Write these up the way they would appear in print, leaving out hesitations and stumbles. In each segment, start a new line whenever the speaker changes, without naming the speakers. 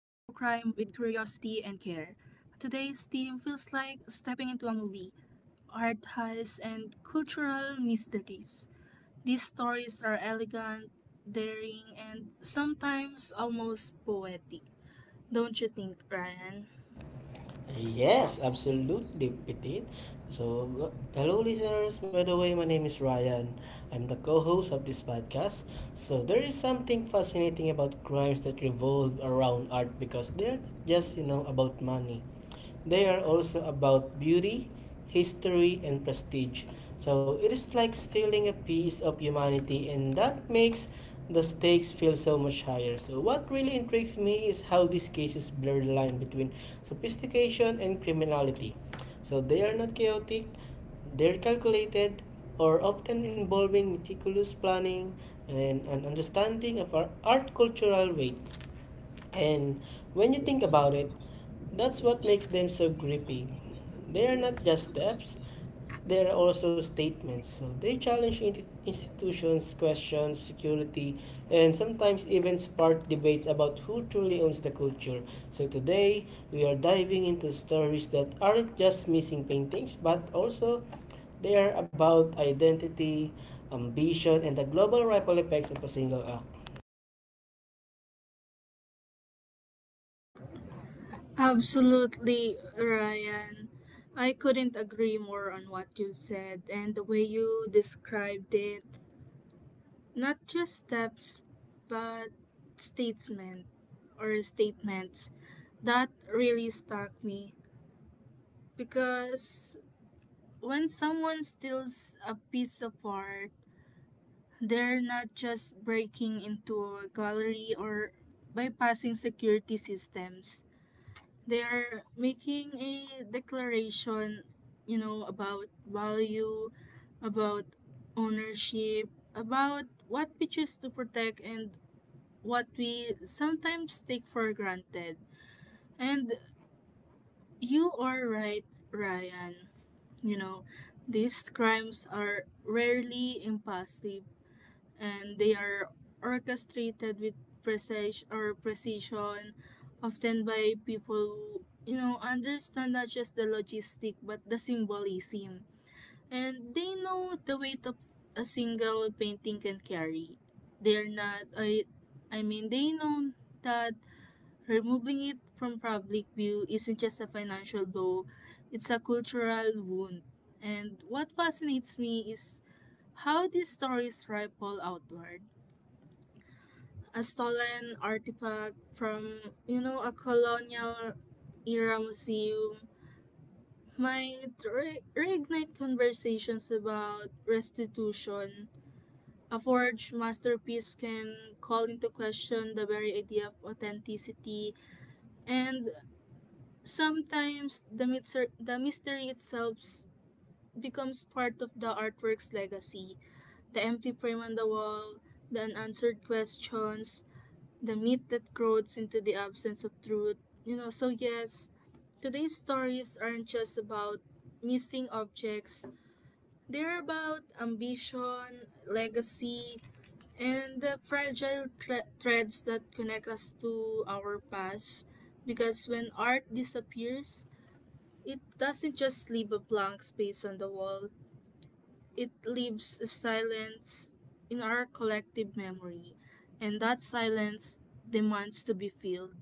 and care. Today's theme feels like stepping into a movie, art heists, and cultural mysteries. These stories are elegant, daring, and sometimes almost poetic. Don't you think, Ryan?
Yes, absolutely, Petit. So, hello, listeners. By the way, my name is Ryan. I'm the co host of this podcast. There is something fascinating about crimes that revolve around art because they're not just, about money. They are also about beauty, history, and prestige. It is like stealing a piece of humanity, and that makes the stakes feel so much higher. What really intrigues me is how these cases blur the line between sophistication, and criminality. So they are not chaotic, they're calculated, or often involving meticulous planning and an understanding of our art cultural weight. And when you think about it, that's what makes them so gripping. They are not just steps, there are also statements. So they challenge institutions, question security, and sometimes even spark debates about who truly owns the culture. So today, we are diving into stories that aren't just missing paintings, but also they are about identity, ambition, and the global ripple effects of a single act.
Absolutely, Ryan. I couldn't agree more on what you said and the way you described it. Not just steps, but statement or statements. That really stuck me because when someone steals a piece of art, they're not just breaking into a gallery or bypassing security systems. They're making a declaration, about value, about ownership, about what we choose to protect and what we sometimes take for granted. And you are right, Ryan. you know these crimes are rarely impulsive, and they are orchestrated with precision or precision, often by people who, understand not just the logistic but the symbolism. And they know the weight of a single painting can carry. They are not I mean they know that removing it from public view isn't just a financial blow, it's a cultural wound. And what fascinates me is how these stories ripple outward. A stolen artifact from, a colonial era museum might reignite conversations about restitution. A forged masterpiece can call into question the very idea of authenticity, and sometimes the mystery itself becomes part of the artwork's legacy. The empty frame on the wall, the unanswered questions, the myth that grows into the absence of truth. So yes, today's stories aren't just about missing objects, they're about ambition, legacy, and the fragile threads that connect us to our past. Because when art disappears, it doesn't just leave a blank space on the wall, it leaves a silence in our collective memory, and that silence demands to be filled.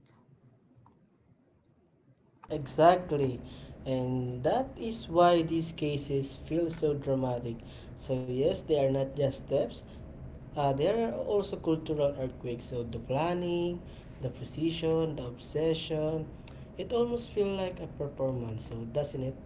Exactly. And that is why these cases feel so dramatic. So, yes, they are not just steps, there are also cultural earthquakes. So, the planning, the precision, the obsession, it almost feels like a performance. So, doesn't it?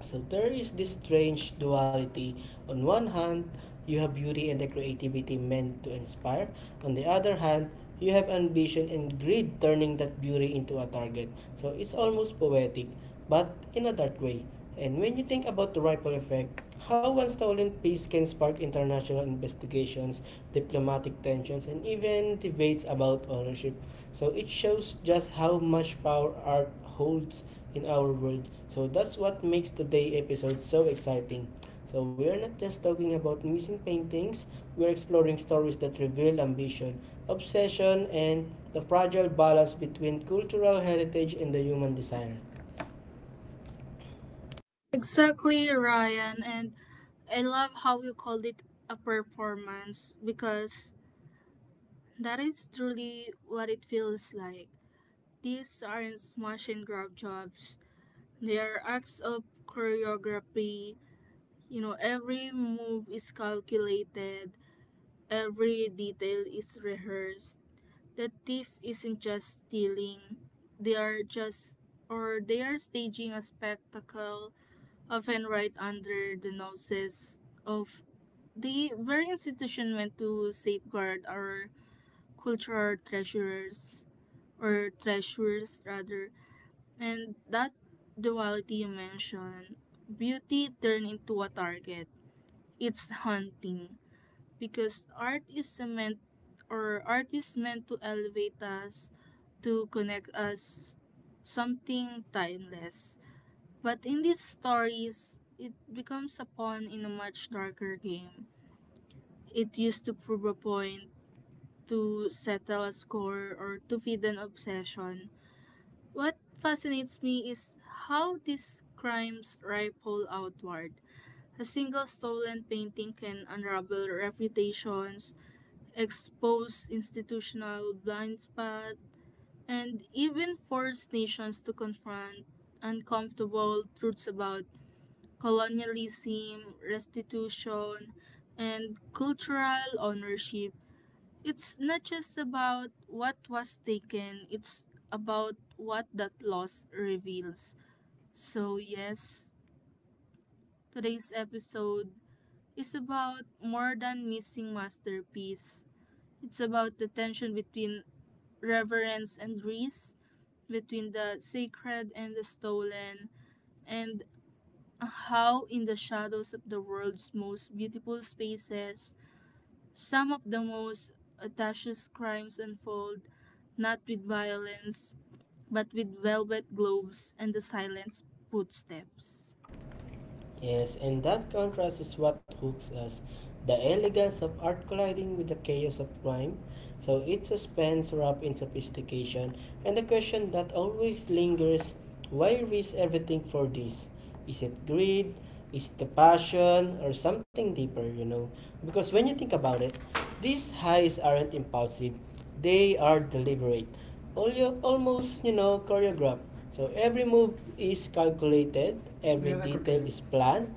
So there is this strange duality. On one hand, you have beauty and the creativity meant to inspire. On the other hand, you have ambition and greed turning that beauty into a target. So it's almost poetic, but in a dark way. And when you think about the ripple effect, how one stolen piece can spark international investigations, diplomatic tensions, and even debates about ownership. So it shows just how much power art holds in our world. So that's what makes today episode so exciting. So we are not just talking about missing paintings, we are exploring stories that reveal ambition, obsession, and the fragile balance between cultural heritage and the human desire.
Exactly, Ryan. And I love how you called it a performance, because that is truly what it feels like. These aren't smash and grab jobs, they are acts of choreography. You know, every move is calculated, every detail is rehearsed. The thief isn't just stealing, they are just they are staging a spectacle, often right under the noses of the very institution meant to safeguard our cultural treasures, or treasures rather. And that duality you mentioned, beauty turned into a target, it's haunting because art is meant to elevate us, to connect us, something timeless. But in these stories, it becomes a pawn in a much darker game. It used to prove a point, to settle a score, or to feed an obsession. What fascinates me is how these crimes ripple outward. A single stolen painting can unravel reputations, expose institutional blind spots, and even force nations to confront uncomfortable truths about colonialism, restitution, and cultural ownership. It's not just about what was taken, it's about what that loss reveals. So, yes, today's episode is about more than missing masterpiece. It's about the tension between reverence and grace, between the sacred and the stolen, and how in the shadows of the world's most beautiful spaces, some of the most audacious crimes unfold, not with violence, but with velvet gloves and the silent footsteps.
Yes, and that contrast is what hooks us. The elegance of art colliding with the chaos of crime. So it's suspense wrapped in sophistication. And the question that always lingers, why risk everything for this? Is it greed? Is it the passion? Or something deeper, you know? Because when you think about it, these highs aren't impulsive, they are deliberate, all you, almost, choreographed. So every move is calculated, every detail is planned.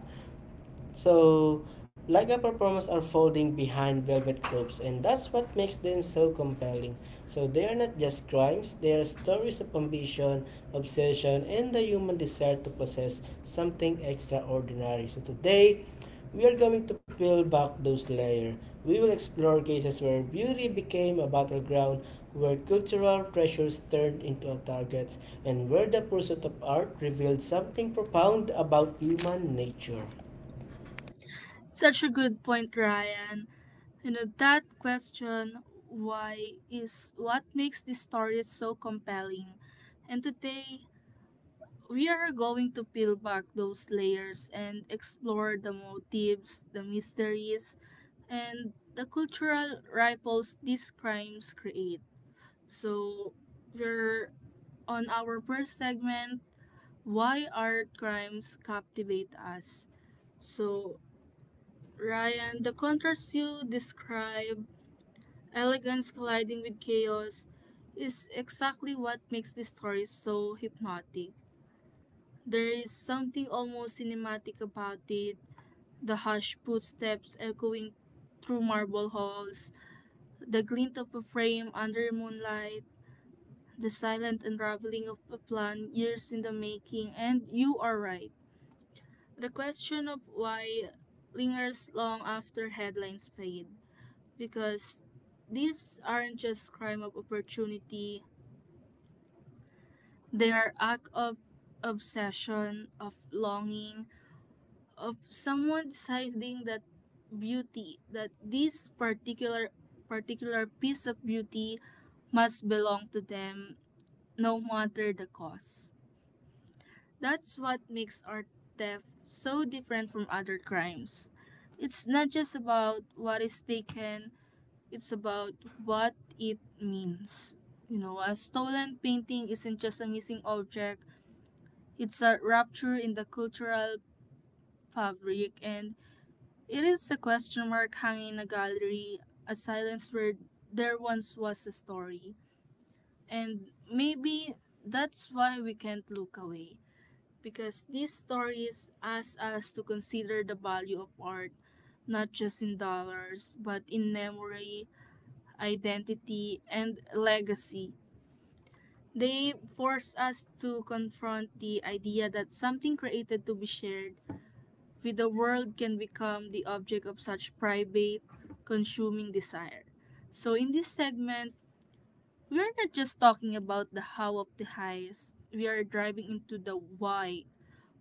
So, Laga performers are folding behind velvet ropes, and that's what makes them so compelling. So, they are not just crimes, they are stories of ambition, obsession, and the human desire to possess something extraordinary. So, today, we are going to peel back those layers. We will explore cases where beauty became a battleground, where cultural pressures turned into targets, and where the pursuit of art revealed something profound about human nature.
Such a good point, Ryan. You know, that question, why, is what makes this story so compelling. And today, we are going to peel back those layers and explore the motives, the mysteries, and the cultural ripples these crimes create. So, we're on our first segment, Why Art Crimes Captivate Us? So, Ryan, the contrast you describe, elegance colliding with chaos, is exactly what makes this story so hypnotic. There is something almost cinematic about it, the hushed footsteps echoing through marble halls, the glint of a frame under moonlight, the silent unraveling of a plan years in the making. And you are right. The question of why lingers long after headlines fade, because these aren't just crime of opportunity, they are act of obsession, of longing, of someone deciding that beauty that this particular particular piece of beauty must belong to them, no matter the cost. That's what makes art theft so different from other crimes. It's not just about what is taken, it's about what it means. You know, a stolen painting isn't just a missing object, it's a rupture in the cultural fabric. And it is a question mark hanging in a gallery, a silence where there once was a story. And maybe that's why we can't look away, because these stories ask us to consider the value of art, not just in dollars, but in memory, identity, and legacy. They force us to confront the idea that something created to be shared with the world can become the object of such private, consuming desire. So, in this segment, we are not just talking about the how of the highest, we are driving into the why.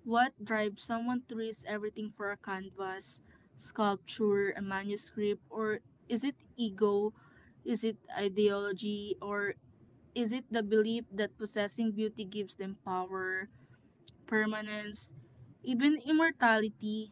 What drives someone to risk everything for a canvas, sculpture, a manuscript, or is it ego? Is it ideology? Or is it the belief that possessing beauty gives them power, permanence, even immortality?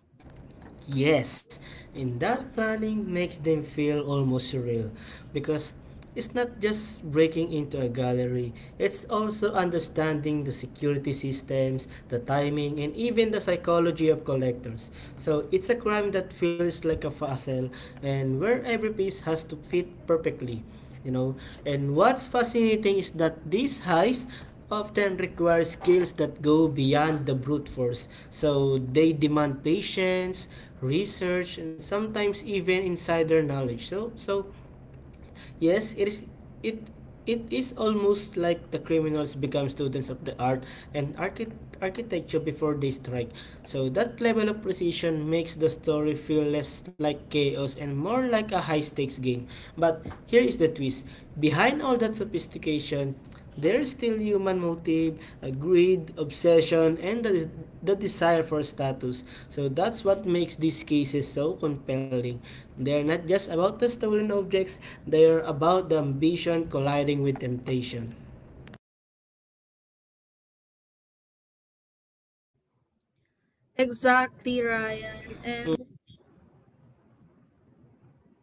Yes, and that planning makes them feel almost surreal because it's not just breaking into a gallery, it's also understanding the security systems, the timing, and even the psychology of collectors. So it's a crime that feels like a puzzle and where every piece has to fit perfectly, you know. And what's fascinating is that these highs often require skills that go beyond the brute force, so they demand patience, research, and sometimes even insider knowledge. Yes, it is, it it is almost like the criminals become students of the art and architecture before they strike. So that level of precision makes the story feel less like chaos and more like a high stakes game. But here is the twist. Behind all that sophistication there is still human motive, a greed, obsession, and the desire for status. So that's what makes these cases so compelling. They're not just about the stolen objects, they're about the ambition colliding with temptation.
Exactly, Ryan. And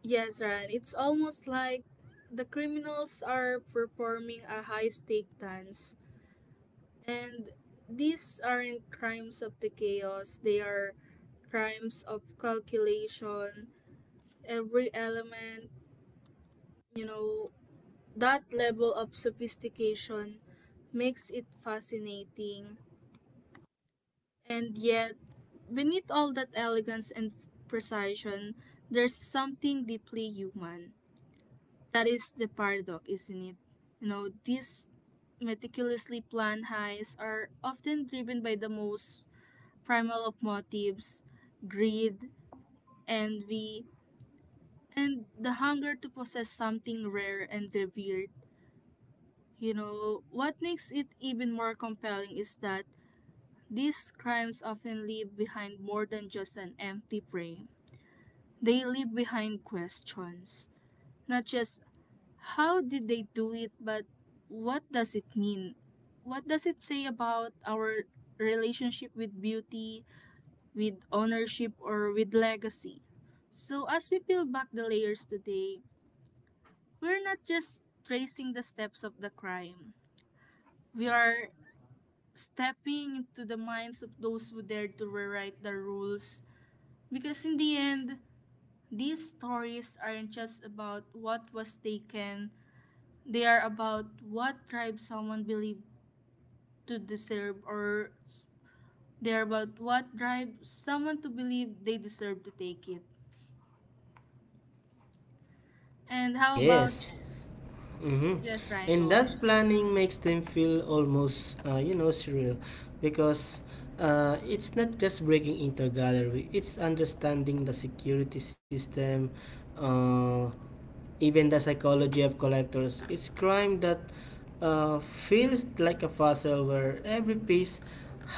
yes, Ryan, it's almost like the criminals are performing a high stake dance. And these aren't crimes of the chaos, they are crimes of calculation. Every element, you know, that level of sophistication makes it fascinating. And yet, beneath all that elegance and precision, there's something deeply human. That is the paradox, isn't it? You know, these meticulously planned heists are often driven by the most primal of motives: greed, envy, and the hunger to possess something rare and revered. You know, what makes it even more compelling is that these crimes often leave behind more than just an empty frame. They leave behind questions, not just how did they do it, but what does it mean? What does it say about our relationship with beauty, with ownership, or with legacy? So, as we peel back the layers today, we're not just tracing the steps of the crime, we are stepping into the minds of those who dare to rewrite the rules. Because in the end, these stories aren't just about what was taken, they are about what tribe someone believed to deserve or s- they're about what drives someone to believe they deserve to take it. And how about
Yes.
yes.
Mm-hmm.
Yes, Ryan,
And
go
that
ahead.
planning makes them feel almost, surreal because it's not just breaking into a gallery, it's understanding the security system, uh, even the psychology of collectors. Its crime that feels like a puzzle where every piece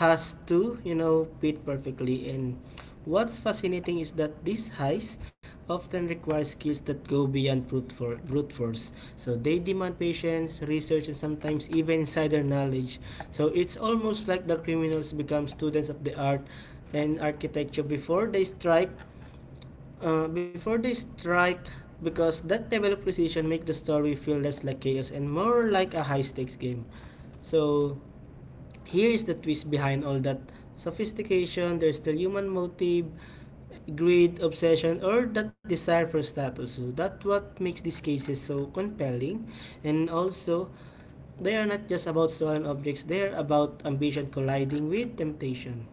has to, fit perfectly. And what's fascinating is that these heists often require skills that go beyond brute force, so they demand patience, research, and sometimes even insider knowledge. So it's almost like the criminals become students of the art and architecture before they strike. Before they strike, because that level of precision make the story feel less like chaos and more like a high stakes game. So here is the twist, behind all that sophistication. There's still human motive, greed, obsession, or that desire for status. So that's what makes these cases so compelling. And also, they are not just about stolen objects. They are about ambition colliding with temptation.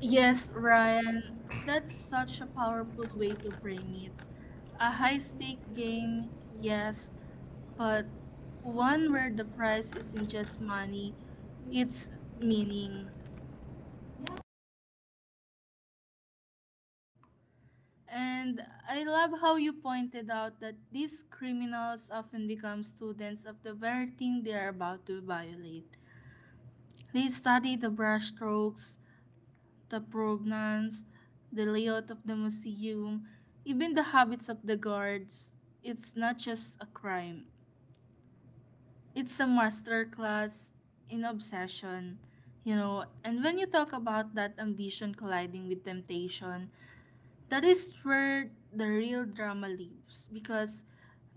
Yes, Ryan, that's such a powerful way to frame it. A high stake game, yes, but one where the prize isn't just money, it's meaning. And I love how you pointed out that these criminals often become students of the very thing they are about to violate. They study the brushstrokes, the provenance, the layout of the museum, even the habits of the guards. It's not just a crime. It's a masterclass in obsession, you know. And when you talk about that ambition colliding with temptation, that is where the real drama lives, because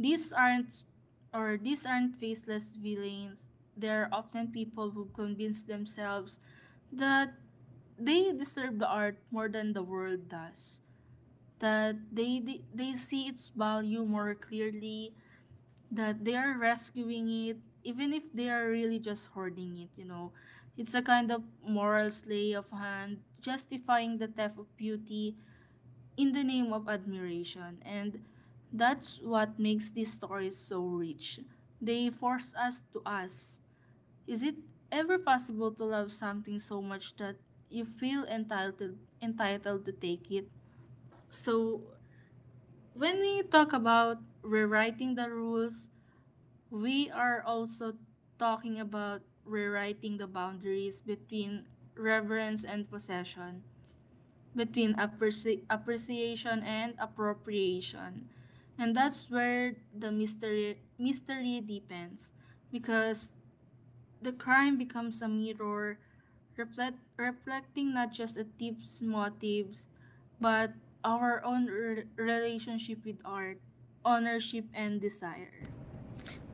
these aren't these aren't faceless villains, they're often people who convince themselves that they deserve the art more than the world does, that they see its value more clearly, that they are rescuing it even if they are really just hoarding it. You know, it's a kind of moral sleight of hand, justifying the theft of beauty in the name of admiration. And that's what makes these stories so rich. They force us to ask, is it ever possible to love something so much that you feel entitled to take it? So when we talk about rewriting the rules, we are also talking about rewriting the boundaries between reverence and possession, between appreciation and appropriation. And that's where the mystery deepens because the crime becomes a mirror, reflecting not just a thief's motives but our own relationship with art, ownership and desire.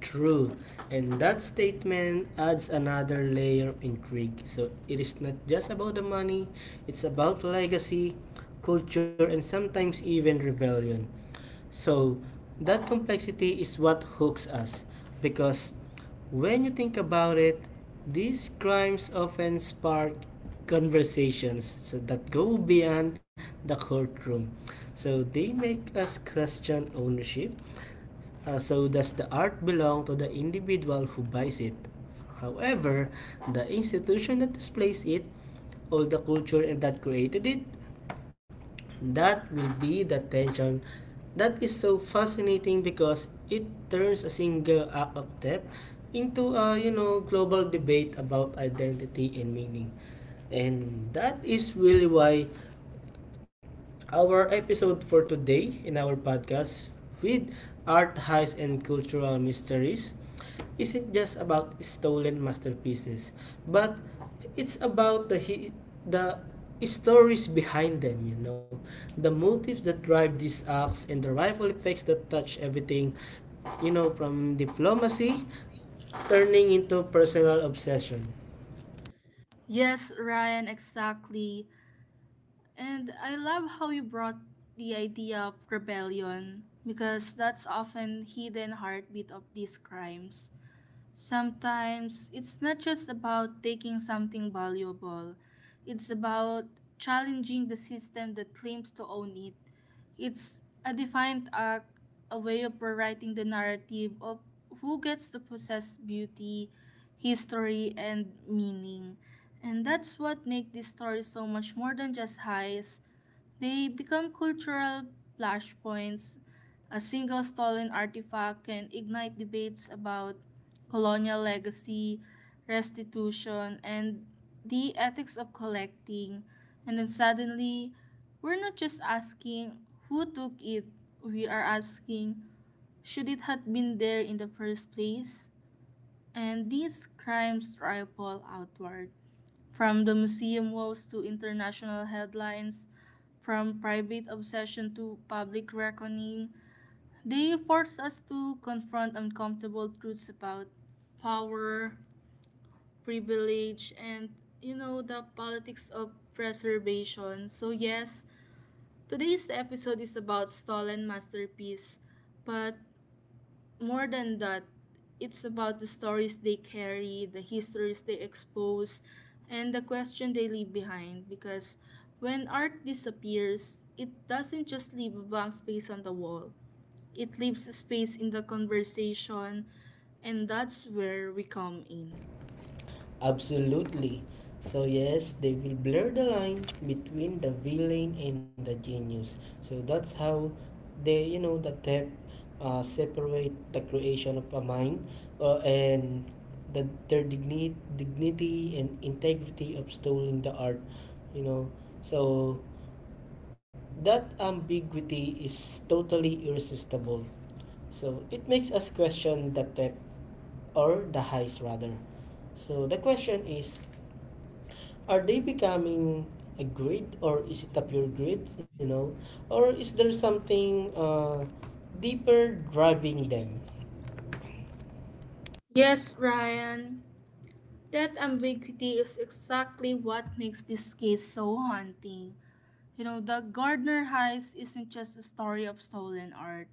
True. And that statement adds another layer of intrigue. So it is not just about the money, it's about legacy, culture, and sometimes even rebellion. So that complexity is what hooks us because when you think about it, these crimes often spark conversations so that go beyond the courtroom. So they make us question ownership. So, does the art belong to the individual who buys it? However, the institution that displays it, all the culture that created it. That will be the tension that is so fascinating because it turns a single act of theft into a, you know, global debate about identity and meaning. And that is really why our episode for today in our podcast with Art Highs and Cultural Mysteries isn't just about stolen masterpieces, but it's about the stories behind them, you know, the motives that drive these acts and the rival effects that touch everything, you know, from diplomacy turning into personal obsession.
Yes, Ryan, exactly. And I love how you brought the idea of rebellion, because that's often hidden heartbeat of these crimes. Sometimes it's not just about taking something valuable, it's about challenging the system that claims to own it. It's a defiant act, a way of rewriting the narrative of who gets to possess beauty, history, and meaning. And that's what makes these stories so much more than just highs. They become cultural flashpoints. A single stolen artifact can ignite debates about colonial legacy, restitution, and the ethics of collecting. And then suddenly, we're not just asking who took it, we are asking should it have been there in the first place? And these crimes ripple outward from the museum walls to international headlines, from private obsession to public reckoning. They force us to confront uncomfortable truths about power, privilege, and the politics of preservation. So yes, today's episode is about stolen masterpiece, but more than that, it's about the stories they carry, the histories they expose, and the question they leave behind. Because when art disappears, it doesn't just leave a blank space on the wall, it leaves a space in the conversation, and that's where we come in.
Absolutely. So yes, they will blur the line between the villain and the genius. So that's how they, you know, the theft separate the creation of a mind, and the their dignity and integrity of stealing the art. You know, so that ambiguity is totally irresistible. So it makes us question the theft, or the heist rather. So the question is, are they becoming a grid, or is it a pure grid, you know? Or is there something deeper driving them?
Yes, Ryan, that ambiguity is exactly what makes this case so haunting. The Gardner Heist isn't just a story of stolen art.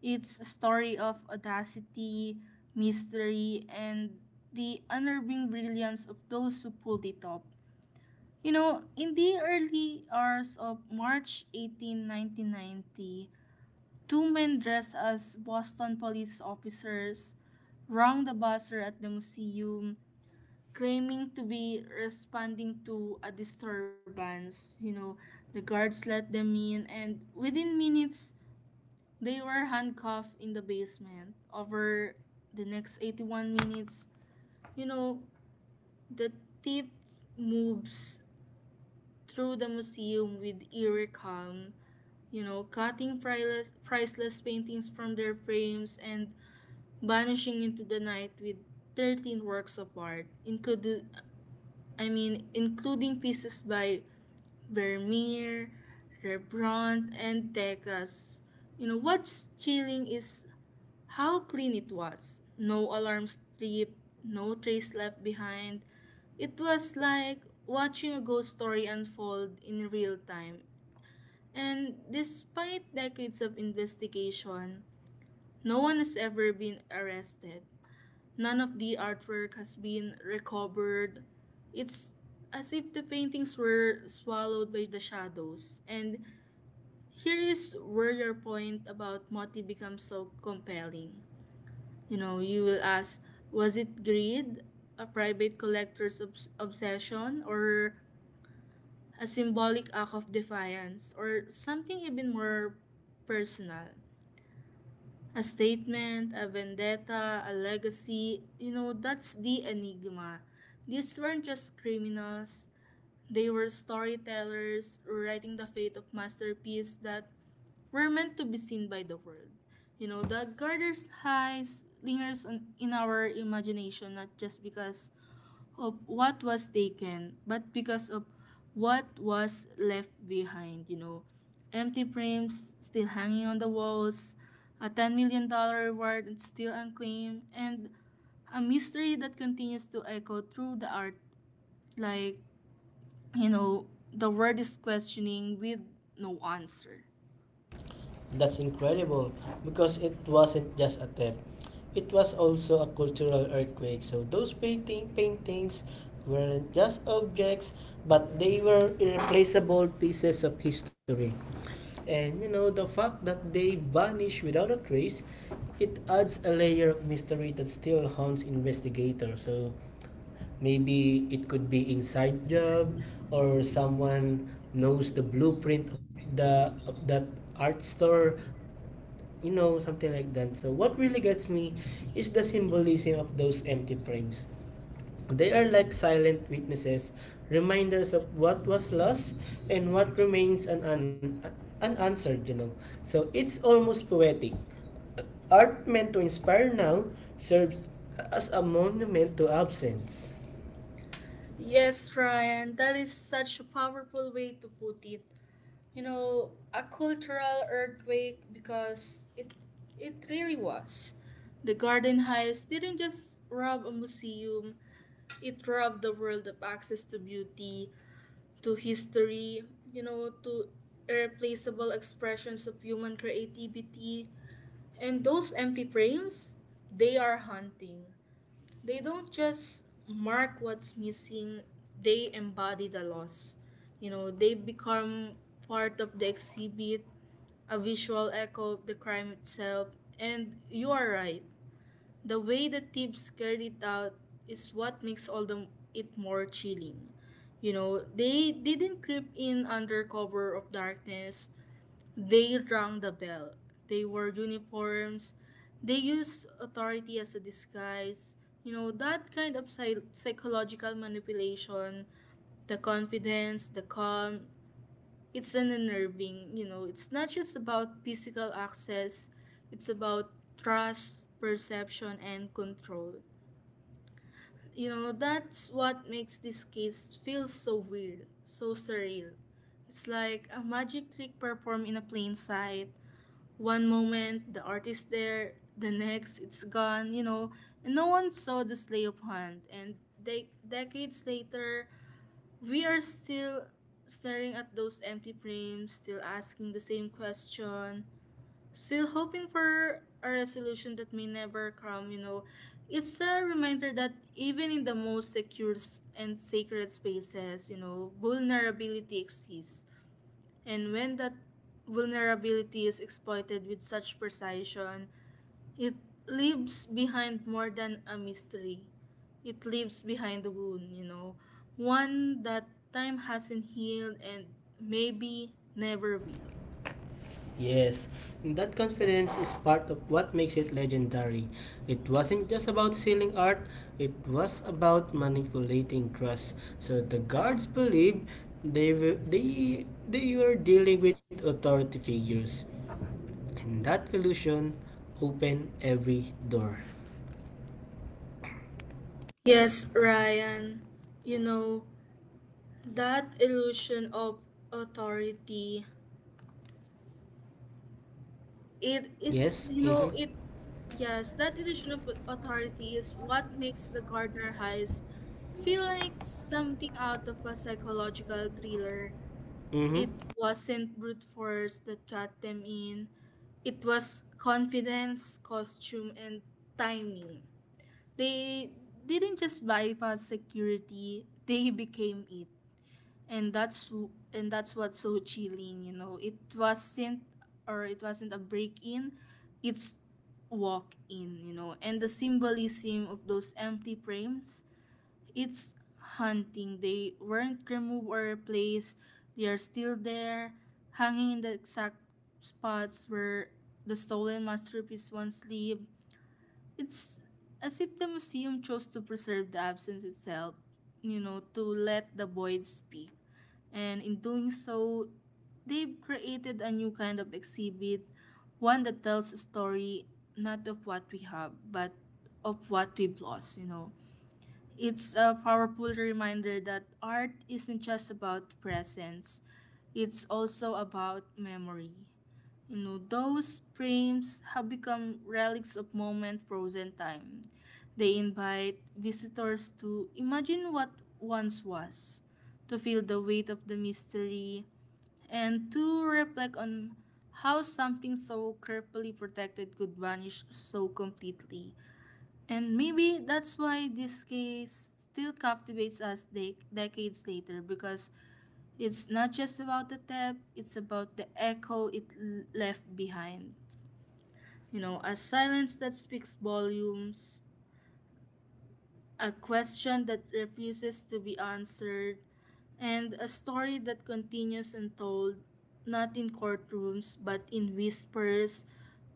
It's a story of audacity, mystery, and the unnerving brilliance of those who pulled it off. In the early hours of March 18, 1990, two men dressed as Boston police officers wronged the buzzer at the museum, claiming to be responding to a disturbance. The guards let them in, and within minutes, they were handcuffed in the basement over the next 81 minutes. You know, the thief moves through the museum with eerie calm, you know, cutting priceless paintings from their frames and vanishing into the night with 13 works of art, including, I mean, including pieces by Vermeer, Rembrandt, and Degas. What's chilling is how clean it was. No alarm strip, no trace left behind. It was like watching a ghost story unfold in real time. And despite decades of investigation, no one has ever been arrested. None of the artwork has been recovered. It's as if the paintings were swallowed by the shadows. And here is where your point about Moti becomes so compelling. You know, you will ask was it greed, a private collector's obsession, or a symbolic act of defiance, or something even more personal? A statement, a vendetta, a legacy, you know, that's the enigma. These weren't just criminals, they were storytellers writing the fate of masterpiece that we're meant to be seen by the world. The Garter's highs lingers on, in our imagination not just because of what was taken, but because of what was left behind. Empty frames still hanging on the walls, a $10 million dollars reward and still unclaimed, and a mystery that continues to echo through the art like, you know, the world is questioning with no answer.
That's incredible because it wasn't just a theft. It was also a cultural earthquake. So those paintings weren't just objects, but they were irreplaceable pieces of history. And you know, the fact that they vanish without a trace, it adds a layer of mystery that still haunts investigators. So maybe it could be inside job, or someone knows the blueprint of the of that art store, you know, something like that. So what really gets me is the symbolism of those empty frames. They are like silent witnesses, reminders of what was lost and what remains unanswered, you know. So it's almost poetic. Art meant to inspire now serves as a monument to absence.
Yes, Ryan, that is such a powerful way to put it. You know, a cultural earthquake because it really was. The Garden Heist didn't just rob a museum, it robbed the world of access to beauty, to history, you know, to irreplaceable expressions of human creativity. And those empty frames, they are haunting. They don't just mark what's missing, they embody the loss. They become part of the exhibit, a visual echo of the crime itself. And you are right. The way the thieves carried it out is what makes all the it more chilling. They didn't creep in under cover of darkness. They rang the bell. They wore uniforms. They used authority as a disguise. You know, that kind of psychological manipulation, the confidence, the calm, it's an unnerving, you know, it's not just about physical access, it's about trust, perception, and control. That's what makes this case feel so weird, so surreal. It's like a magic trick performed in a plain sight. One moment, the art is there, the next, it's gone, and no one saw the sleigh of hand. And decades later, we are still staring at those empty frames, still asking the same question, still hoping for a resolution that may never come. It's a reminder that even in the most secure and sacred spaces, you know, vulnerability exists. And when that vulnerability is exploited with such precision, it leaves behind more than a mystery. It leaves behind a wound, one that time hasn't healed and maybe never will.
Yes, and that confidence is part of what makes it legendary. It wasn't just about selling art, it was about manipulating trust. So the guards believed they were dealing with authority figures, and that illusion opened every door.
Yes, Ryan, you know, that illusion of authority, it is,
Yes?
you
Mm
know,
hmm.
Yes. It yes, that illusion of authority is what makes the Gardner Heist feel like something out of a psychological thriller.
Mm
It
hmm.
wasn't brute force that got them in. It was confidence, costume, and timing. They didn't just bypass security, they became it. And that's what's so chilling, you know. It wasn't or it wasn't a break-in. It's walk in, you know. And the symbolism of those empty frames it's haunting. They weren't removed or replaced. They are still there, hanging in the exact spots where the stolen masterpiece once lived. It's as if the museum chose to preserve the absence itself, you know, to let the void speak. And in doing so, they've created a new kind of exhibit, one that tells a story not of what we have, but of what we've lost. It's a powerful reminder that art isn't just about presence, it's also about memory. Those frames have become relics of moment frozen time. They invite visitors to imagine what once was, to feel the weight of the mystery, and to reflect on how something so carefully protected could vanish so completely. And maybe that's why this case still captivates us decades later because it's not just about the theft, it's about the echo it left behind. You know, a silence that speaks volumes, a question that refuses to be answered, and a story that continues untold, not in courtrooms, but in whispers,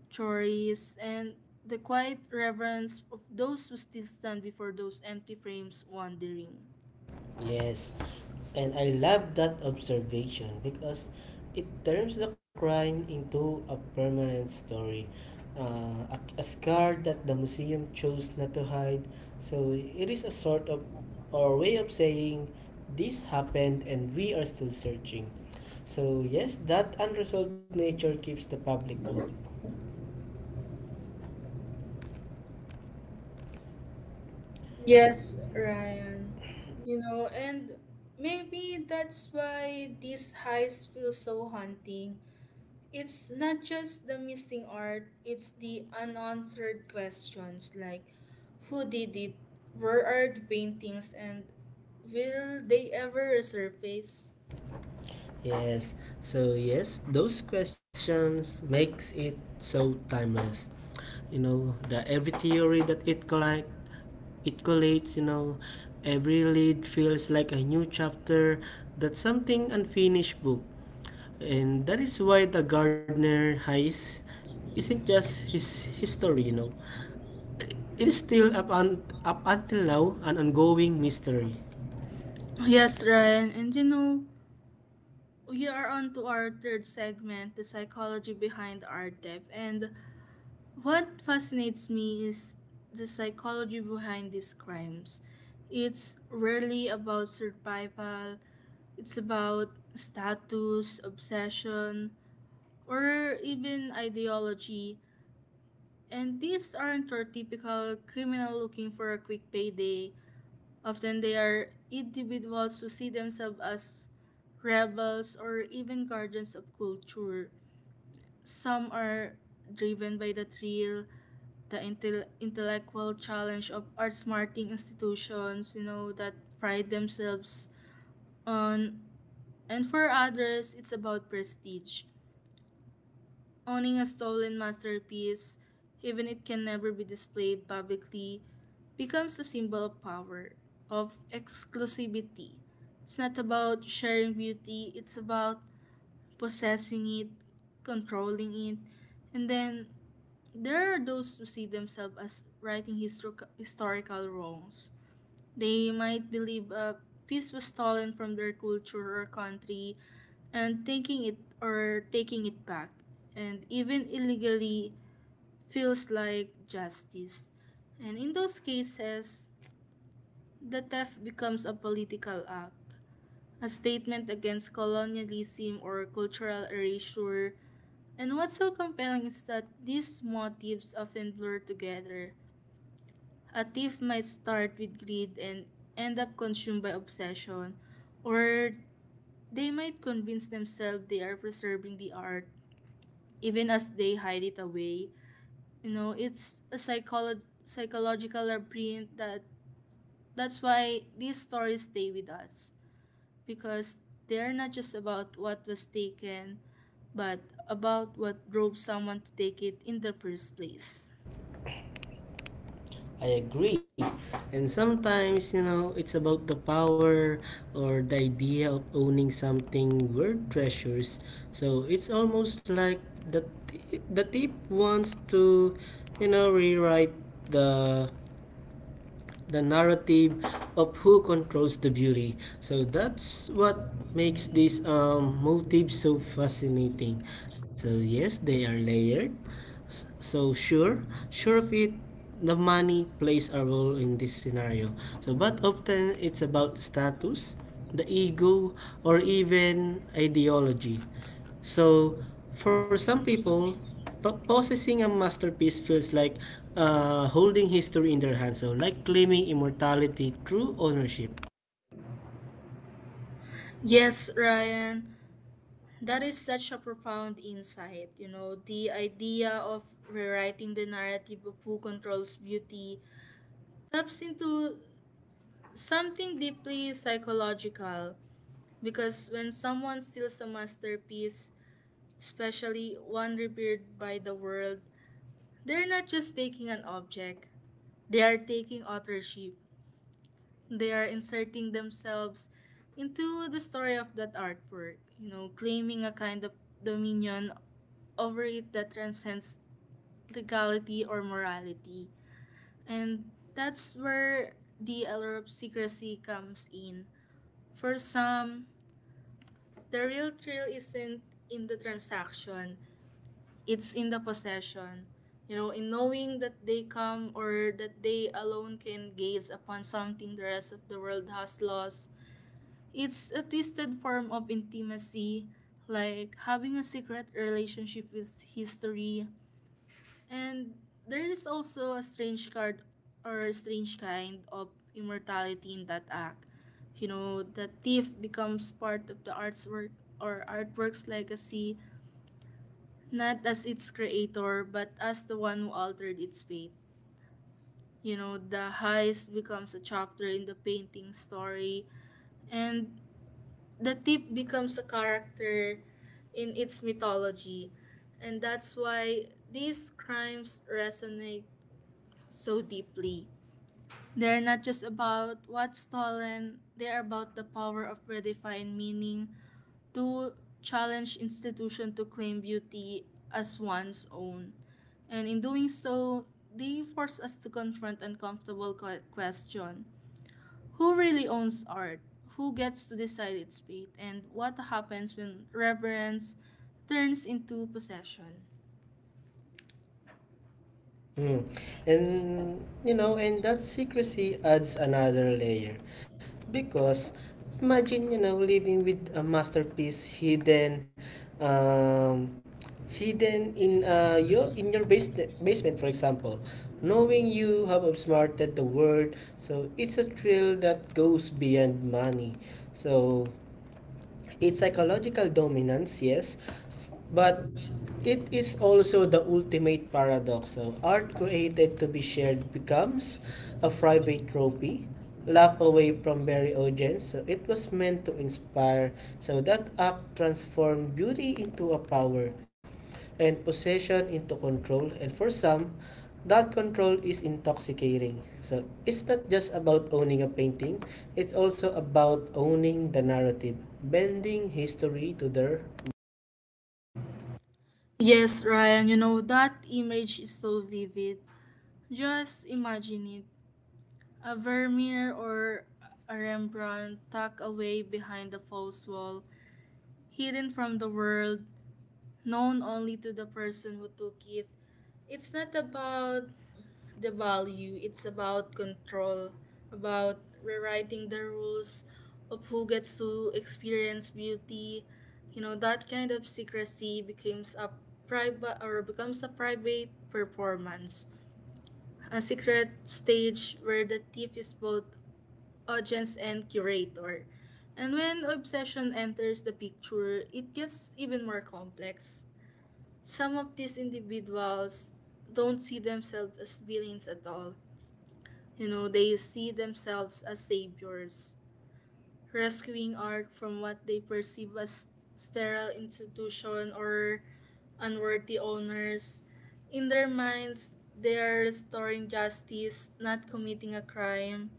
chories, and the quiet reverence of those who still stand before those empty frames wondering.
Yes, and I love that observation because it turns the crime into a permanent story. A scar that the museum chose not to hide. So it is a sort of or way of saying this happened and we are still searching. So yes, that unresolved nature keeps the public hooked.
Yes, Ryan. You know, and maybe that's why these highs feel so haunting. It's not just the missing art, it's the unanswered questions like who did it, where are the paintings, and will they ever resurface?
Yes. So yes, those questions makes it so timeless. You know, the every theory that it collide it collates, you know, every lead feels like a new chapter that's something unfinished book. And that is why the Gardner heist isn't just his history, you know. It is still up, up until now an ongoing mystery.
Yes, Ryan, and you know, we are on to our third segment, the psychology behind art depth. And what fascinates me is the psychology behind these crimes. It's rarely about survival, it's about status, obsession, or even ideology. And these aren't your typical criminal looking for a quick payday. Often they are individuals who see themselves as rebels or even guardians of culture. Some are driven by the thrill, the intellectual challenge of art smarting institutions, you know, that pride themselves on. And for others, it's about prestige. Owning a stolen masterpiece, even it can never be displayed publicly, becomes a symbol of power, of exclusivity. It's not about sharing beauty, it's about possessing it, controlling it, and then there are those who see themselves as righting historical wrongs. They might believe a piece was stolen from their culture or country and taking it or taking it back and even illegally feels like justice. And in those cases, the theft becomes a political act, a statement against colonialism or cultural erasure. And what's so compelling is that these motives often blur together. A thief might start with greed and end up consumed by obsession, or they might convince themselves they are preserving the art even as they hide it away. You know, it's a psychological labyrinth that that's why these stories stay with us, because they're not just about what was taken, but about what drove someone to take it in the first place.
I agree. And sometimes, you know, it's about the power or the idea of owning something worth treasures. So it's almost like the tip wants to, you know, rewrite the the narrative of who controls the beauty. So that's what makes this motifs so fascinating. So yes, they are layered. So sure of it, the money plays a role in this scenario. So but often it's about status, the ego, or even ideology. So for some people, possessing a masterpiece feels like holding history in their hands, so like claiming immortality through ownership.
Yes, Ryan, that is such a profound insight. You know, the idea of rewriting the narrative of who controls beauty taps into something deeply psychological because when someone steals a masterpiece, especially one revered by the world, they're not just taking an object, they are taking authorship. They are inserting themselves into the story of that artwork, you know, claiming a kind of dominion over it that transcends legality or morality. And that's where the allure of secrecy comes in. For some, the real thrill isn't in the transaction, it's in the possession. You know, in knowing that they come or that they alone can gaze upon something the rest of the world has lost, it's a twisted form of intimacy, like having a secret relationship with history. And there is also a strange card or a strange kind of immortality in that act. The thief becomes part of the art's work or artwork's legacy not as its creator, but as the one who altered its fate. The heist becomes a chapter in the painting story, and the thief becomes a character in its mythology. And that's why these crimes resonate so deeply. They're not just about what's stolen, they are about the power of redefine meaning to challenge institution to claim beauty as one's own. And in doing so, they force us to confront uncomfortable question. Who really owns art? Who gets to decide its fate? And what happens when reverence turns into possession?
Mm. And you know, and that secrecy adds another layer because, imagine, you know, living with a masterpiece hidden, um, hidden in, your in your basement for example, knowing you have outsmarted the world. So it's a thrill that goes beyond money. So it's psychological dominance, yes, but it is also the ultimate paradox. So, art created to be shared becomes a private trophy, locked away from very audience. So, it was meant to inspire. So, that act transformed beauty into a power. And possession into control. And for some, that control is intoxicating. So it's not just about owning a painting, it's also about owning the narrative, bending history to their.
Yes, Ryan, you know, that image is so vivid. Just imagine it. A Vermeer or a Rembrandt tucked away behind the false wall, hidden from the world, known only to the person who took it. It's not about the value, it's about control, about rewriting the rules of who gets to experience beauty. That kind of secrecy becomes a private or becomes a private performance. A secret stage where the thief is both audience and curator. And when obsession enters the picture, it gets even more complex. Some of these individuals don't see themselves as villains at all. You know, they see themselves as saviors, rescuing art from what they perceive as sterile institution or unworthy owners. In their minds, they are restoring justice, not committing a crime,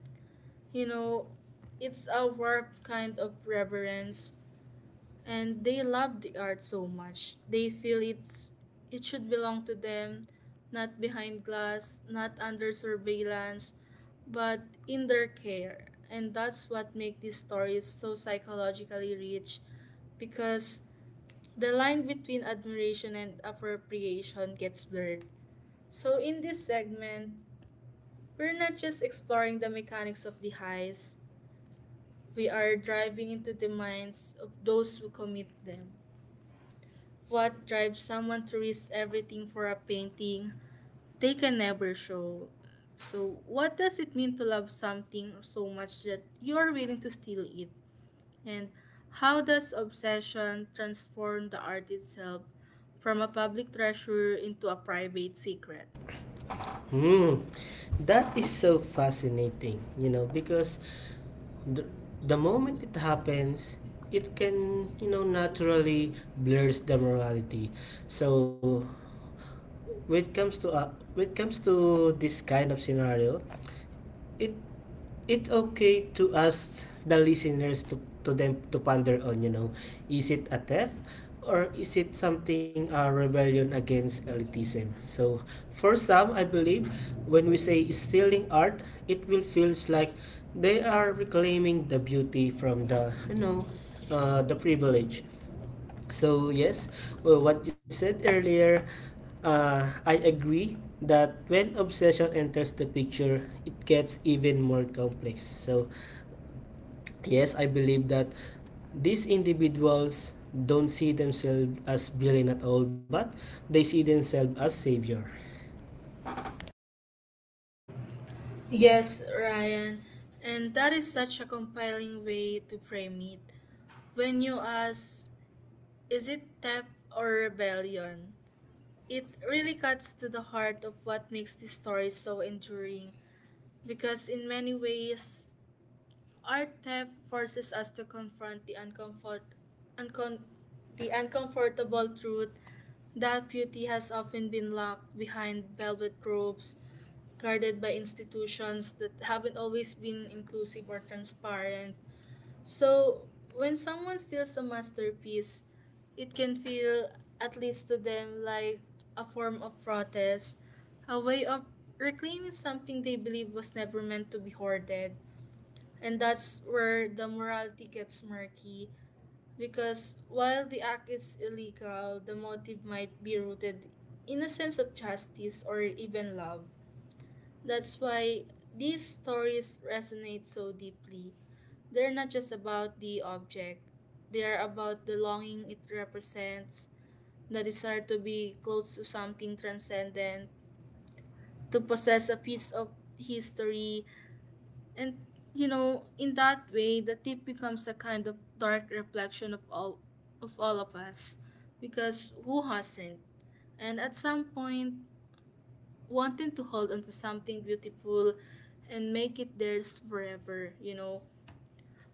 you know, it's a warped kind of reverence, and they love the art so much. They feel it should belong to them, not behind glass, not under surveillance, but in their care. And that's what makes these stories so psychologically rich, because the line between admiration and appropriation gets blurred. So in this segment, we're not just exploring the mechanics of the heist. We are driving into the minds of those who commit them. What drives someone to risk everything for a painting they can never show? So, what does it mean to love something so much that you are willing to steal it? And how does obsession transform the art itself from a public treasure into a private secret?
Hmm, that is so fascinating, you know, because the, the moment it happens, it can, you know, naturally blurs the morality. So when it comes to uh, when it comes to this kind of scenario, it it's okay to ask the listeners to them to ponder on, you know, is it a theft or is it something, a rebellion against elitism? So for some, I believe when we say stealing art, it will feels like they are reclaiming the beauty from the, the privilege. So yes, well, what you said earlier, I agree that when obsession enters the picture, it gets even more complex. So yes, I believe that these individuals don't see themselves as villain at all, but they see themselves as savior.
Yes, Ryan, and that is such a compelling way to frame it. When you ask, is it theft or rebellion? It really cuts to the heart of what makes this story so enduring because, in many ways, art theft forces us to confront uncom- the uncomfortable truth that beauty has often been locked behind velvet robes, guarded by institutions that haven't always been inclusive or transparent. So, when someone steals a masterpiece, it can feel, at least to them, like a form of protest, a way of reclaiming something they believe was never meant to be hoarded. And that's where the morality gets murky, because while the act is illegal, the motive might be rooted in a sense of justice or even love. That's why these stories resonate so deeply. They're not just about the object, they are about the longing it represents, the desire to be close to something transcendent, to possess a piece of history. And, you know, in that way, the tip becomes a kind of dark reflection of all of us, because who hasn't? And at some point, wanting to hold on to something beautiful and make it theirs forever, you know.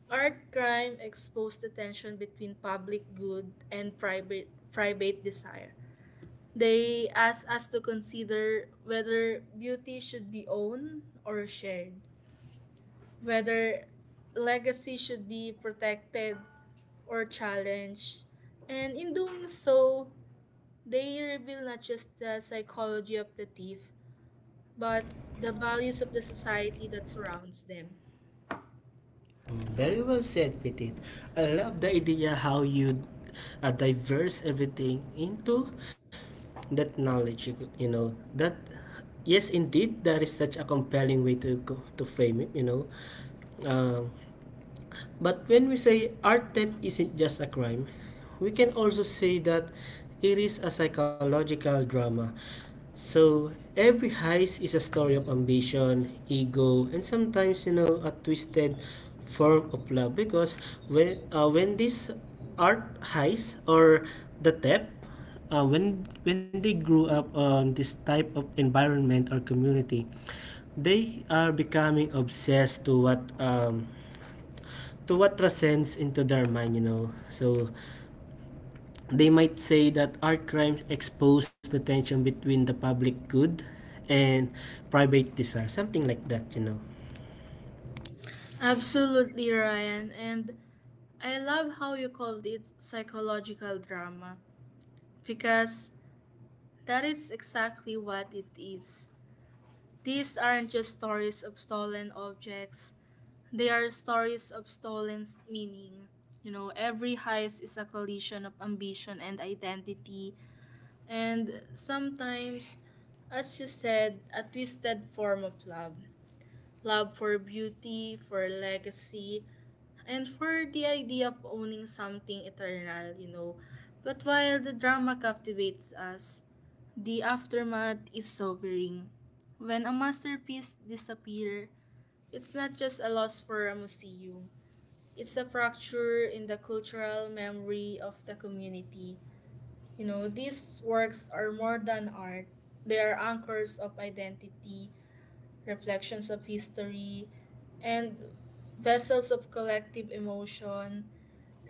Art crime exposed the tension between public good and private desire. They ask us to consider whether beauty should be owned or shared, whether legacy should be protected or challenged. And in doing so, they reveal not just the psychology of the thief, but the values of the society that surrounds them.
Very well said, Petit. I love the idea how you diverse everything into that knowledge. You know that yes, indeed, that is such a compelling way to frame it. You know, Um but when we say art theft isn't just a crime, we can also say that it is a psychological drama. So every heist is a story of ambition, ego, and sometimes, you know, a twisted form of love. Because when this art heist or the theft, when they grew up on this type of environment or community, they are becoming obsessed to what transcends into their mind, you know. So they might say that art crimes expose the tension between the public good and private desire, something like that, you know.
Absolutely, Ryan. And I love how you called it psychological drama because that is exactly what it is. These aren't just stories of stolen objects, they are stories of stolen meaning. You know, every heist is a collision of ambition and identity, and sometimes, as you said, a twisted form of love. Love for beauty, for legacy, and for the idea of owning something eternal, you know. But while the drama captivates us, the aftermath is sobering. When a masterpiece disappears, it's not just a loss for a museum. It's a fracture in the cultural memory of the community. You know, these works are more than art. They are anchors of identity, reflections of history, and vessels of collective emotion.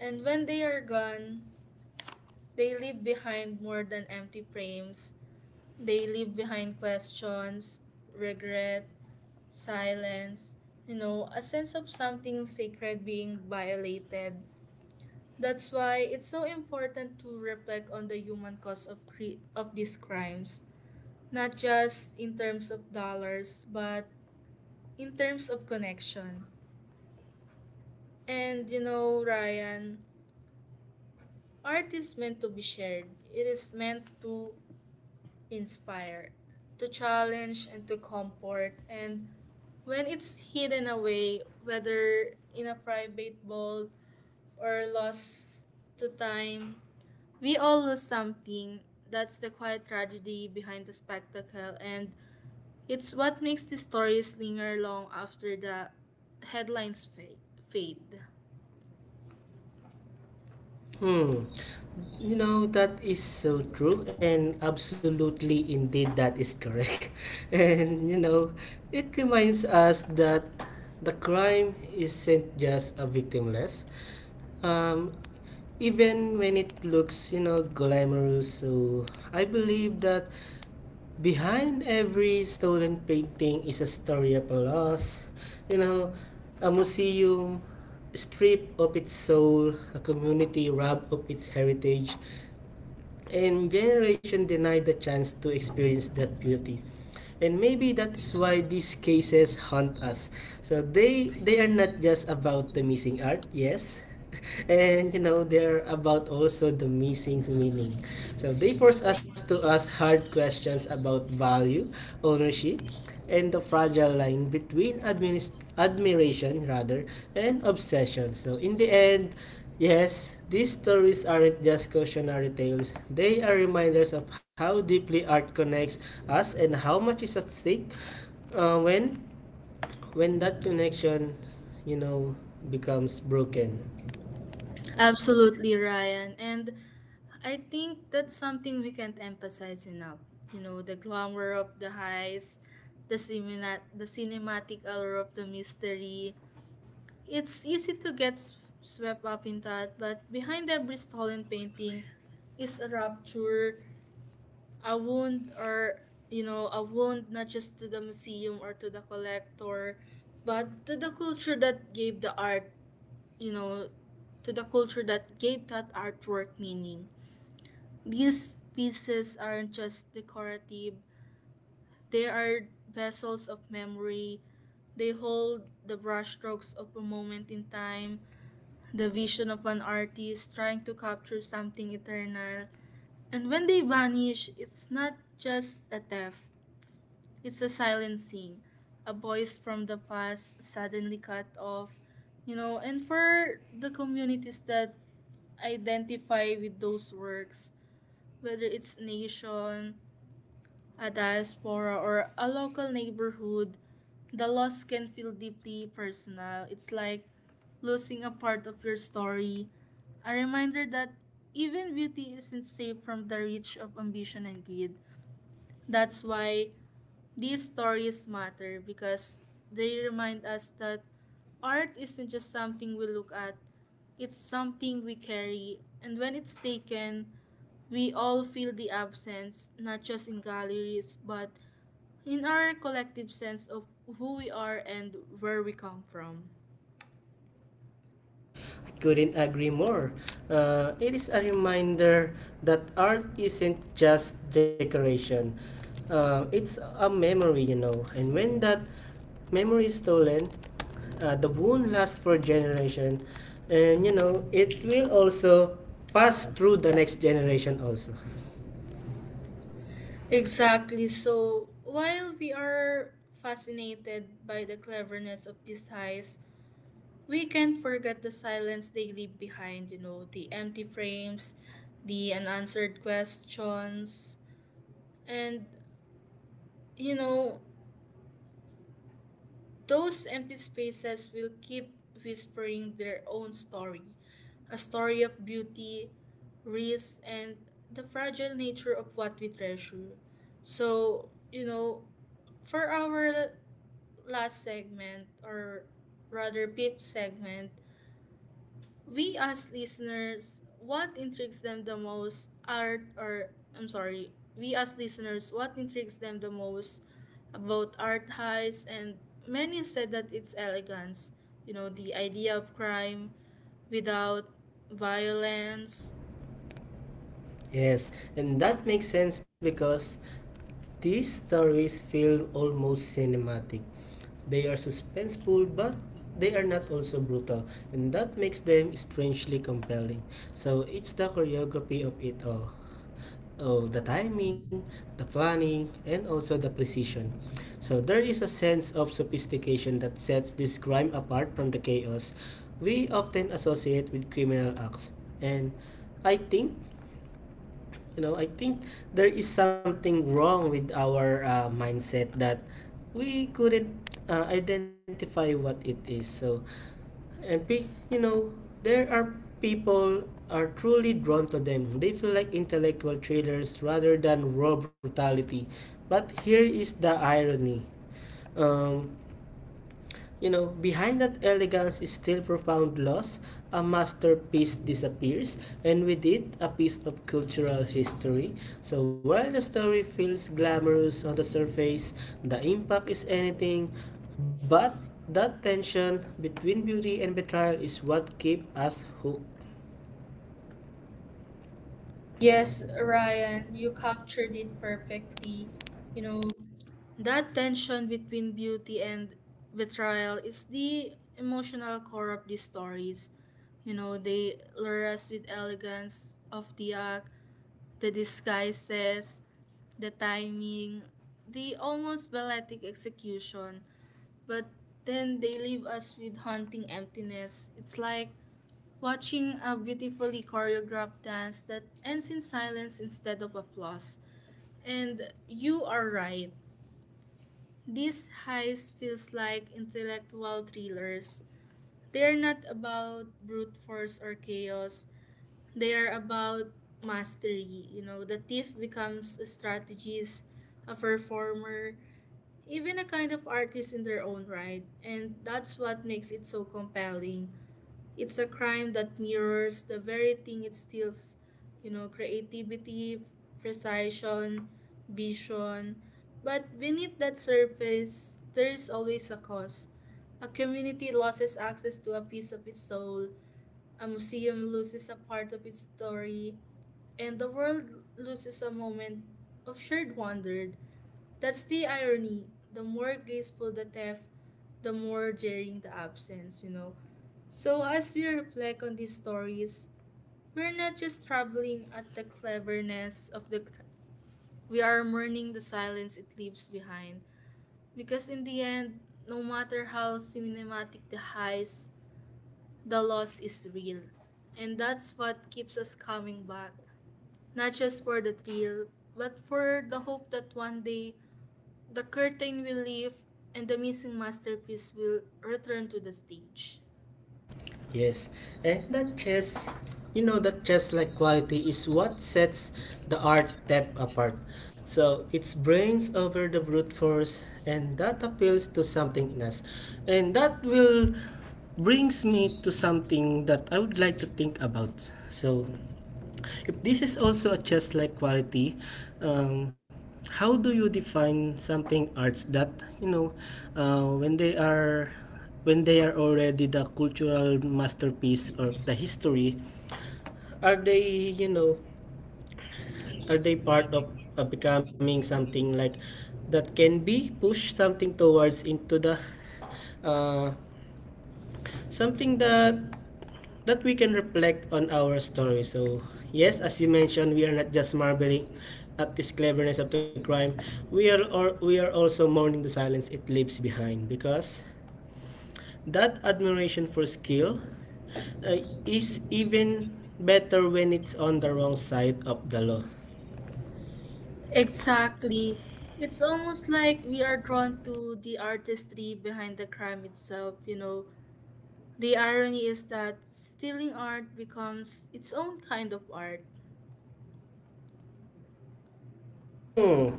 And when they are gone, they leave behind more than empty frames. They leave behind questions, regret, silence, you know, a sense of something sacred being violated. That's why it's so important to reflect on the human cost of of these crimes, not just in terms of dollars, but in terms of connection. And you know, Ryan, art is meant to be shared. It is meant to inspire, to challenge, and to comfort. And when it's hidden away, whether in a private vault or lost to time, we all lose something. That's the quiet tragedy behind the spectacle, and it's what makes the stories linger long after the headlines fade.
Hmm. You know that is so true and absolutely indeed that is correct. And you know, it reminds us that the crime isn't just a victimless Um, even when it looks, you know, glamorous. So I believe that behind every stolen painting is a story of a loss. You know, a museum stripped of its soul, a community robbed of its heritage, and generation denied the chance to experience that beauty. And maybe that is why these cases haunt us. So they are not just about the missing art, yes, and you know, they're about also the missing meaning. So they force us to ask hard questions about value, ownership, and the fragile line between admiration rather and obsession. So in the end, yes, these stories aren't just cautionary tales. They are reminders of how deeply art connects us and how much is at stake uh, when when that connection, you know, becomes broken.
Absolutely, Ryan. And I think that's something we can't emphasize enough. You know, the glamour of the highs, the cinematic allure of the mystery. It's easy to get swept up in that, but behind every stolen painting is a rupture, a wound, or, you know, a wound not just to the museum or to the collector, but to the culture that gave the art, you know, to the culture that gave that artwork meaning. These pieces aren't just decorative, they are vessels of memory. They hold the brushstrokes of a moment in time, the vision of an artist trying to capture something eternal. And when they vanish, it's not just a theft, it's a silencing, a voice from the past suddenly cut off, you know, and for the communities that identify with those works, whether it's nation, a diaspora, or a local neighborhood, the loss can feel deeply personal. It's like losing a part of your story, a reminder that even beauty isn't safe from the reach of ambition and greed. That's why these stories matter because they remind us that art isn't just something we look at, it's something we carry. And when it's taken, we all feel the absence, not just in galleries, but in our collective sense of who we are and where we come from.
Couldn't agree more. It is a reminder that art isn't just decoration, it's a memory, you know. And when that memory is stolen, the wound lasts for generation, and you know it will also pass through the next generation also.
Exactly. So while we are fascinated by the cleverness of these heists, we can't forget the silence they leave behind, you know, the empty frames, the unanswered questions, and, you know, those empty spaces will keep whispering their own story, a story of beauty, risk, and the fragile nature of what we treasure. So, you know, for our last segment, or rather, fifth segment, we as listeners, what intrigues them the most art or I'm sorry, we as listeners, what intrigues them the most about art heists and many said that it's elegance, you know, the idea of crime without violence.
Yes, and that makes sense because these stories feel almost cinematic. They are suspenseful, but they are not also brutal, and that makes them strangely compelling. So it's the choreography of it all. Oh, the timing, the planning, and also the precision. So there is a sense of sophistication that sets this crime apart from the chaos we often associate with criminal acts. And I think I think there is something wrong with our mindset that we couldn't identify what it is. So, and you know, there are people are truly drawn to them. They feel like intellectual thrillers rather than raw brutality. But here is the irony. Um, you know, behind that elegance is still profound loss. A masterpiece disappears, and with it, a piece of cultural history. So while the story feels glamorous on the surface, the impact is anything but. That tension between beauty and betrayal is what keeps us hooked.
Yes, Ryan, you captured it perfectly. You know, that tension between beauty and betrayal is the emotional core of these stories. You know, they lure us with elegance of the act, the disguises, the timing, the almost balletic execution, but then they leave us with haunting emptiness. It's like watching a beautifully choreographed dance that ends in silence instead of applause. And you are right. These highs feels like intellectual thrillers. They are not about brute force or chaos. They are about mastery. You know, the thief becomes a strategist, a performer, even a kind of artist in their own right. And that's what makes it so compelling. It's a crime that mirrors the very thing it steals, you know, creativity, precision, vision. But beneath that surface, there is always a cause. A community loses access to a piece of its soul, a museum loses a part of its story, and the world loses a moment of shared wonder. That's the irony. The more graceful the theft, the more jarring the absence, you know. So as we reflect on these stories, we're not just traveling at the cleverness of the we are mourning the silence it leaves behind. Because in the end, no matter how cinematic the highs, the loss is real. And that's what keeps us coming back, not just for the thrill, but for the hope that one day the curtain will lift and the missing masterpiece will return to the stage.
Yes, and that chess, you know, that chess-like quality is what sets the art depth apart. So it's brains over the brute force, and that appeals to something in us, and that will brings me to something that I would like to think about. So if this is also a chess-like quality, um, how do you define something arts that, you know, uh, when they are when they are already the cultural masterpiece or the history? Are they, you know, are they part of becoming something like that can be pushed something towards into the, uh, something that that we can reflect on our story. So, yes, as you mentioned, we are not just marveling at this cleverness of the crime. We are also mourning the silence it leaves behind, because that admiration for skill is even better when it's on the wrong side of the law.
Exactly. It's almost like we are drawn to the artistry behind the crime itself, you know. The irony is that stealing art becomes its own kind of art.
Hmm,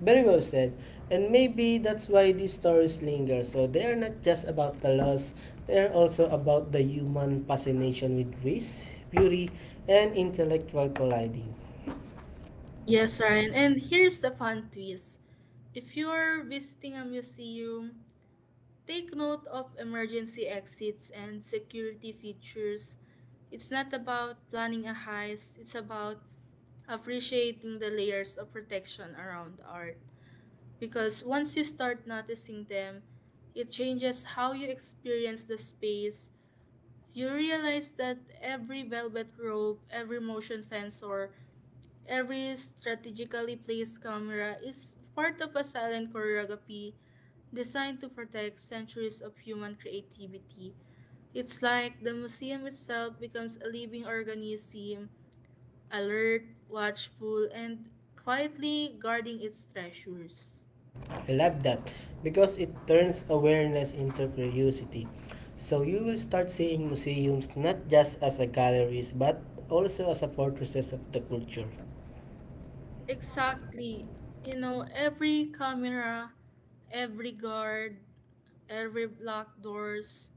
very well said. And maybe that's why these stories linger. So they are not just about the loss, they are also about the human fascination with risk, beauty, and intellectual colliding.
Yes, Ryan, and here's a fun twist. If you're visiting a museum, take note of emergency exits and security features. It's not about planning a heist, it's about appreciating the layers of protection around art. Because once you start noticing them, it changes how you experience the space. You realize that every velvet rope, every motion sensor, every strategically placed camera is part of a silent choreography designed to protect centuries of human creativity. It's like the museum itself becomes a living organism, alert, watchful, and quietly guarding its treasures.
I love that because it turns awareness into curiosity. So you will start seeing museums not just as a galleries but also as a fortresses of the culture.
Exactly. You know, every camera, every guard, every locked doors,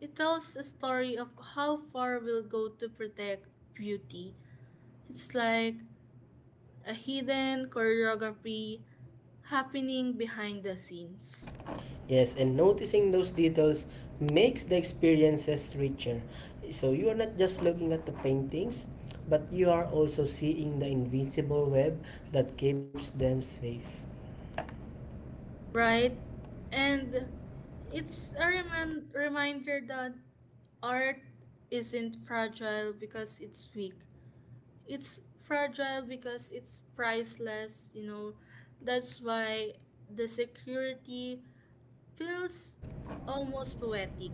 it tells a story of how far we'll go to protect beauty. It's like a hidden choreography happening behind the scenes,
Yes, and noticing those details makes the experiences richer. So you are not just looking at the paintings, but you are also seeing the invisible web that keeps them safe.
right? And it's a reminder that art isn't fragile because it's weak. It's fragile because it's priceless, you know. That's why the security feels almost poetic.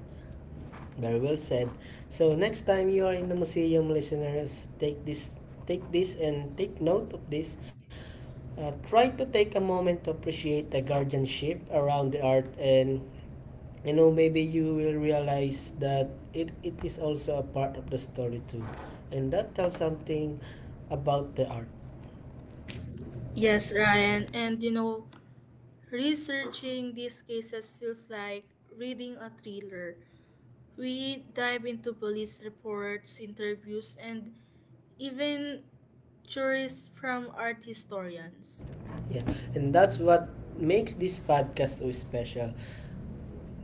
Very well said. So next time you are in the museum, listeners, take this and take note of this. Try to take a moment to appreciate the guardianship around the art, and you know, maybe you will realize that it is also a part of the story too, and that tells something about the art.
Yes, Ryan. And you know, researching these cases feels like reading a thriller. We dive into police reports, interviews, and even theories from art historians.
Yeah, and that's what makes this podcast so special.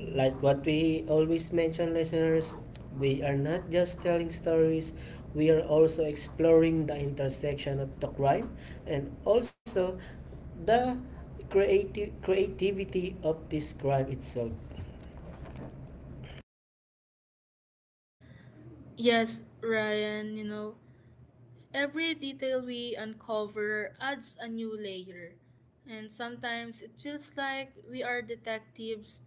Like what we always mention, listeners, we are not just telling stories, we are also exploring the intersection of the crime and also the creative creativity of this crime itself.
Yes, Ryan, you know, every detail we uncover adds a new layer. And sometimes it feels like we are detectives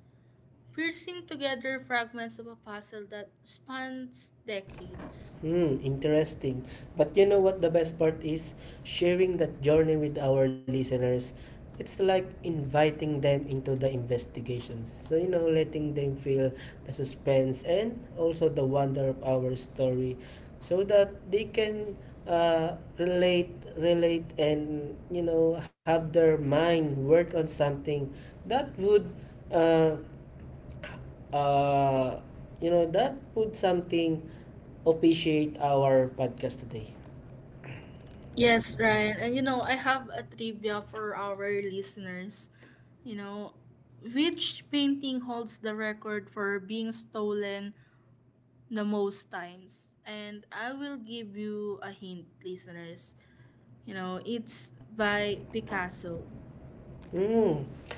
piecing together fragments of a puzzle that spans decades.
Hmm, interesting. But you know what the best part is? Sharing that journey with our listeners. It's like inviting them into the investigations. So, you know, letting them feel the suspense and also the wonder of our story, so that they can uh, relate, relate and, you know, have their mind work on something that would, uh, uh, you know, that would something appreciate our podcast today?
Yes, Ryan. And you know, I have a trivia for our listeners. You know, which painting holds the record for being stolen the most times? And I will give you a hint, listeners. You know, it's by Picasso.
Mm,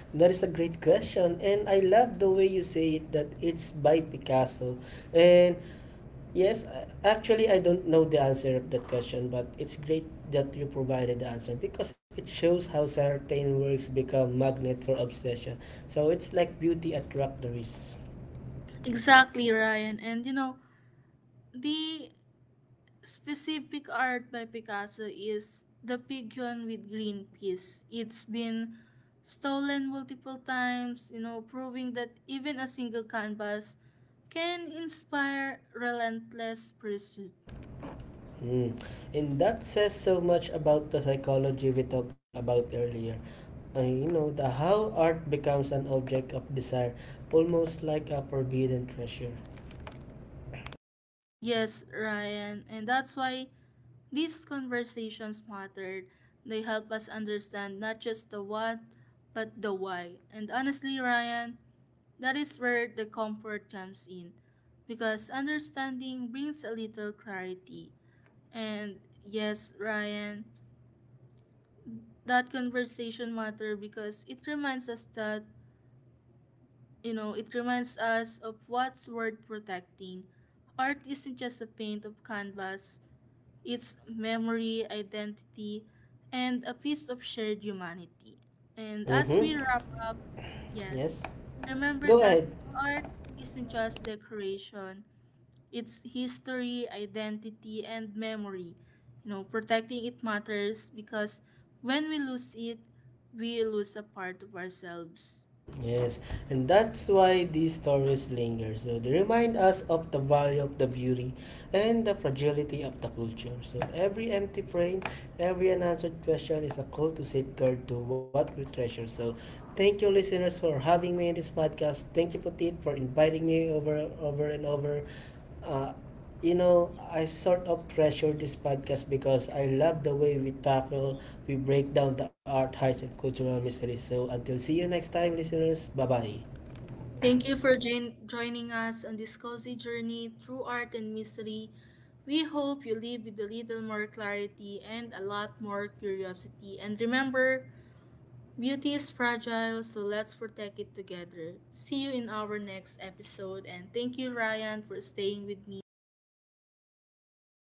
that is a great question, and I love the way you say it that it's by Picasso. And yes, actually, I don't know the answer of that question, but it's great that you provided the answer because it shows how certain works become magnet for obsession. So it's like beauty attract the wrist.
Exactly, Ryan. And you know, the specific art by Picasso is the Pigeon with Green Peas. It's been stolen multiple times, you know, proving that even a single canvas can inspire relentless pursuit.
Mm. And that says so much about the psychology we talked about earlier. You know, the how art becomes an object of desire, almost like a forbidden treasure.
Yes, Ryan, and that's why these conversations matter. They help us understand not just the what, but the why. And honestly, Ryan, that is where the comfort comes in because understanding brings a little clarity. And yes, Ryan, that conversation matter because it reminds us that, you know, it reminds us of what's worth protecting. Art isn't just a paint of canvas, its memory, identity, and a piece of shared humanity. And as we
Mm-hmm.
wrap up, yes,
Yes.
remember
Go
that
ahead.
art isn't just decoration, its history, identity, and memory. You know, protecting it matters because when we lose it, we lose a part of ourselves.
Yes, and that's why these stories linger. So they remind us of the value of the beauty and the fragility of the culture. So every empty frame, every unanswered question is a call to safeguard to what we treasure. So thank you, listeners, for having me in this podcast. Thank you, Putit, for inviting me over, over and over. Uh, you know, I sort of treasure this podcast because I love the way we tackle, we break down the art, heights, and cultural mysteries. So until see you next time, listeners. Bye bye.
Thank you for joining us on this cozy journey through art and mystery. We hope you leave with a little more clarity and a lot more curiosity. And remember, beauty is fragile, so let's protect it together. See you in our next episode, and thank you, Ryan, for staying with me.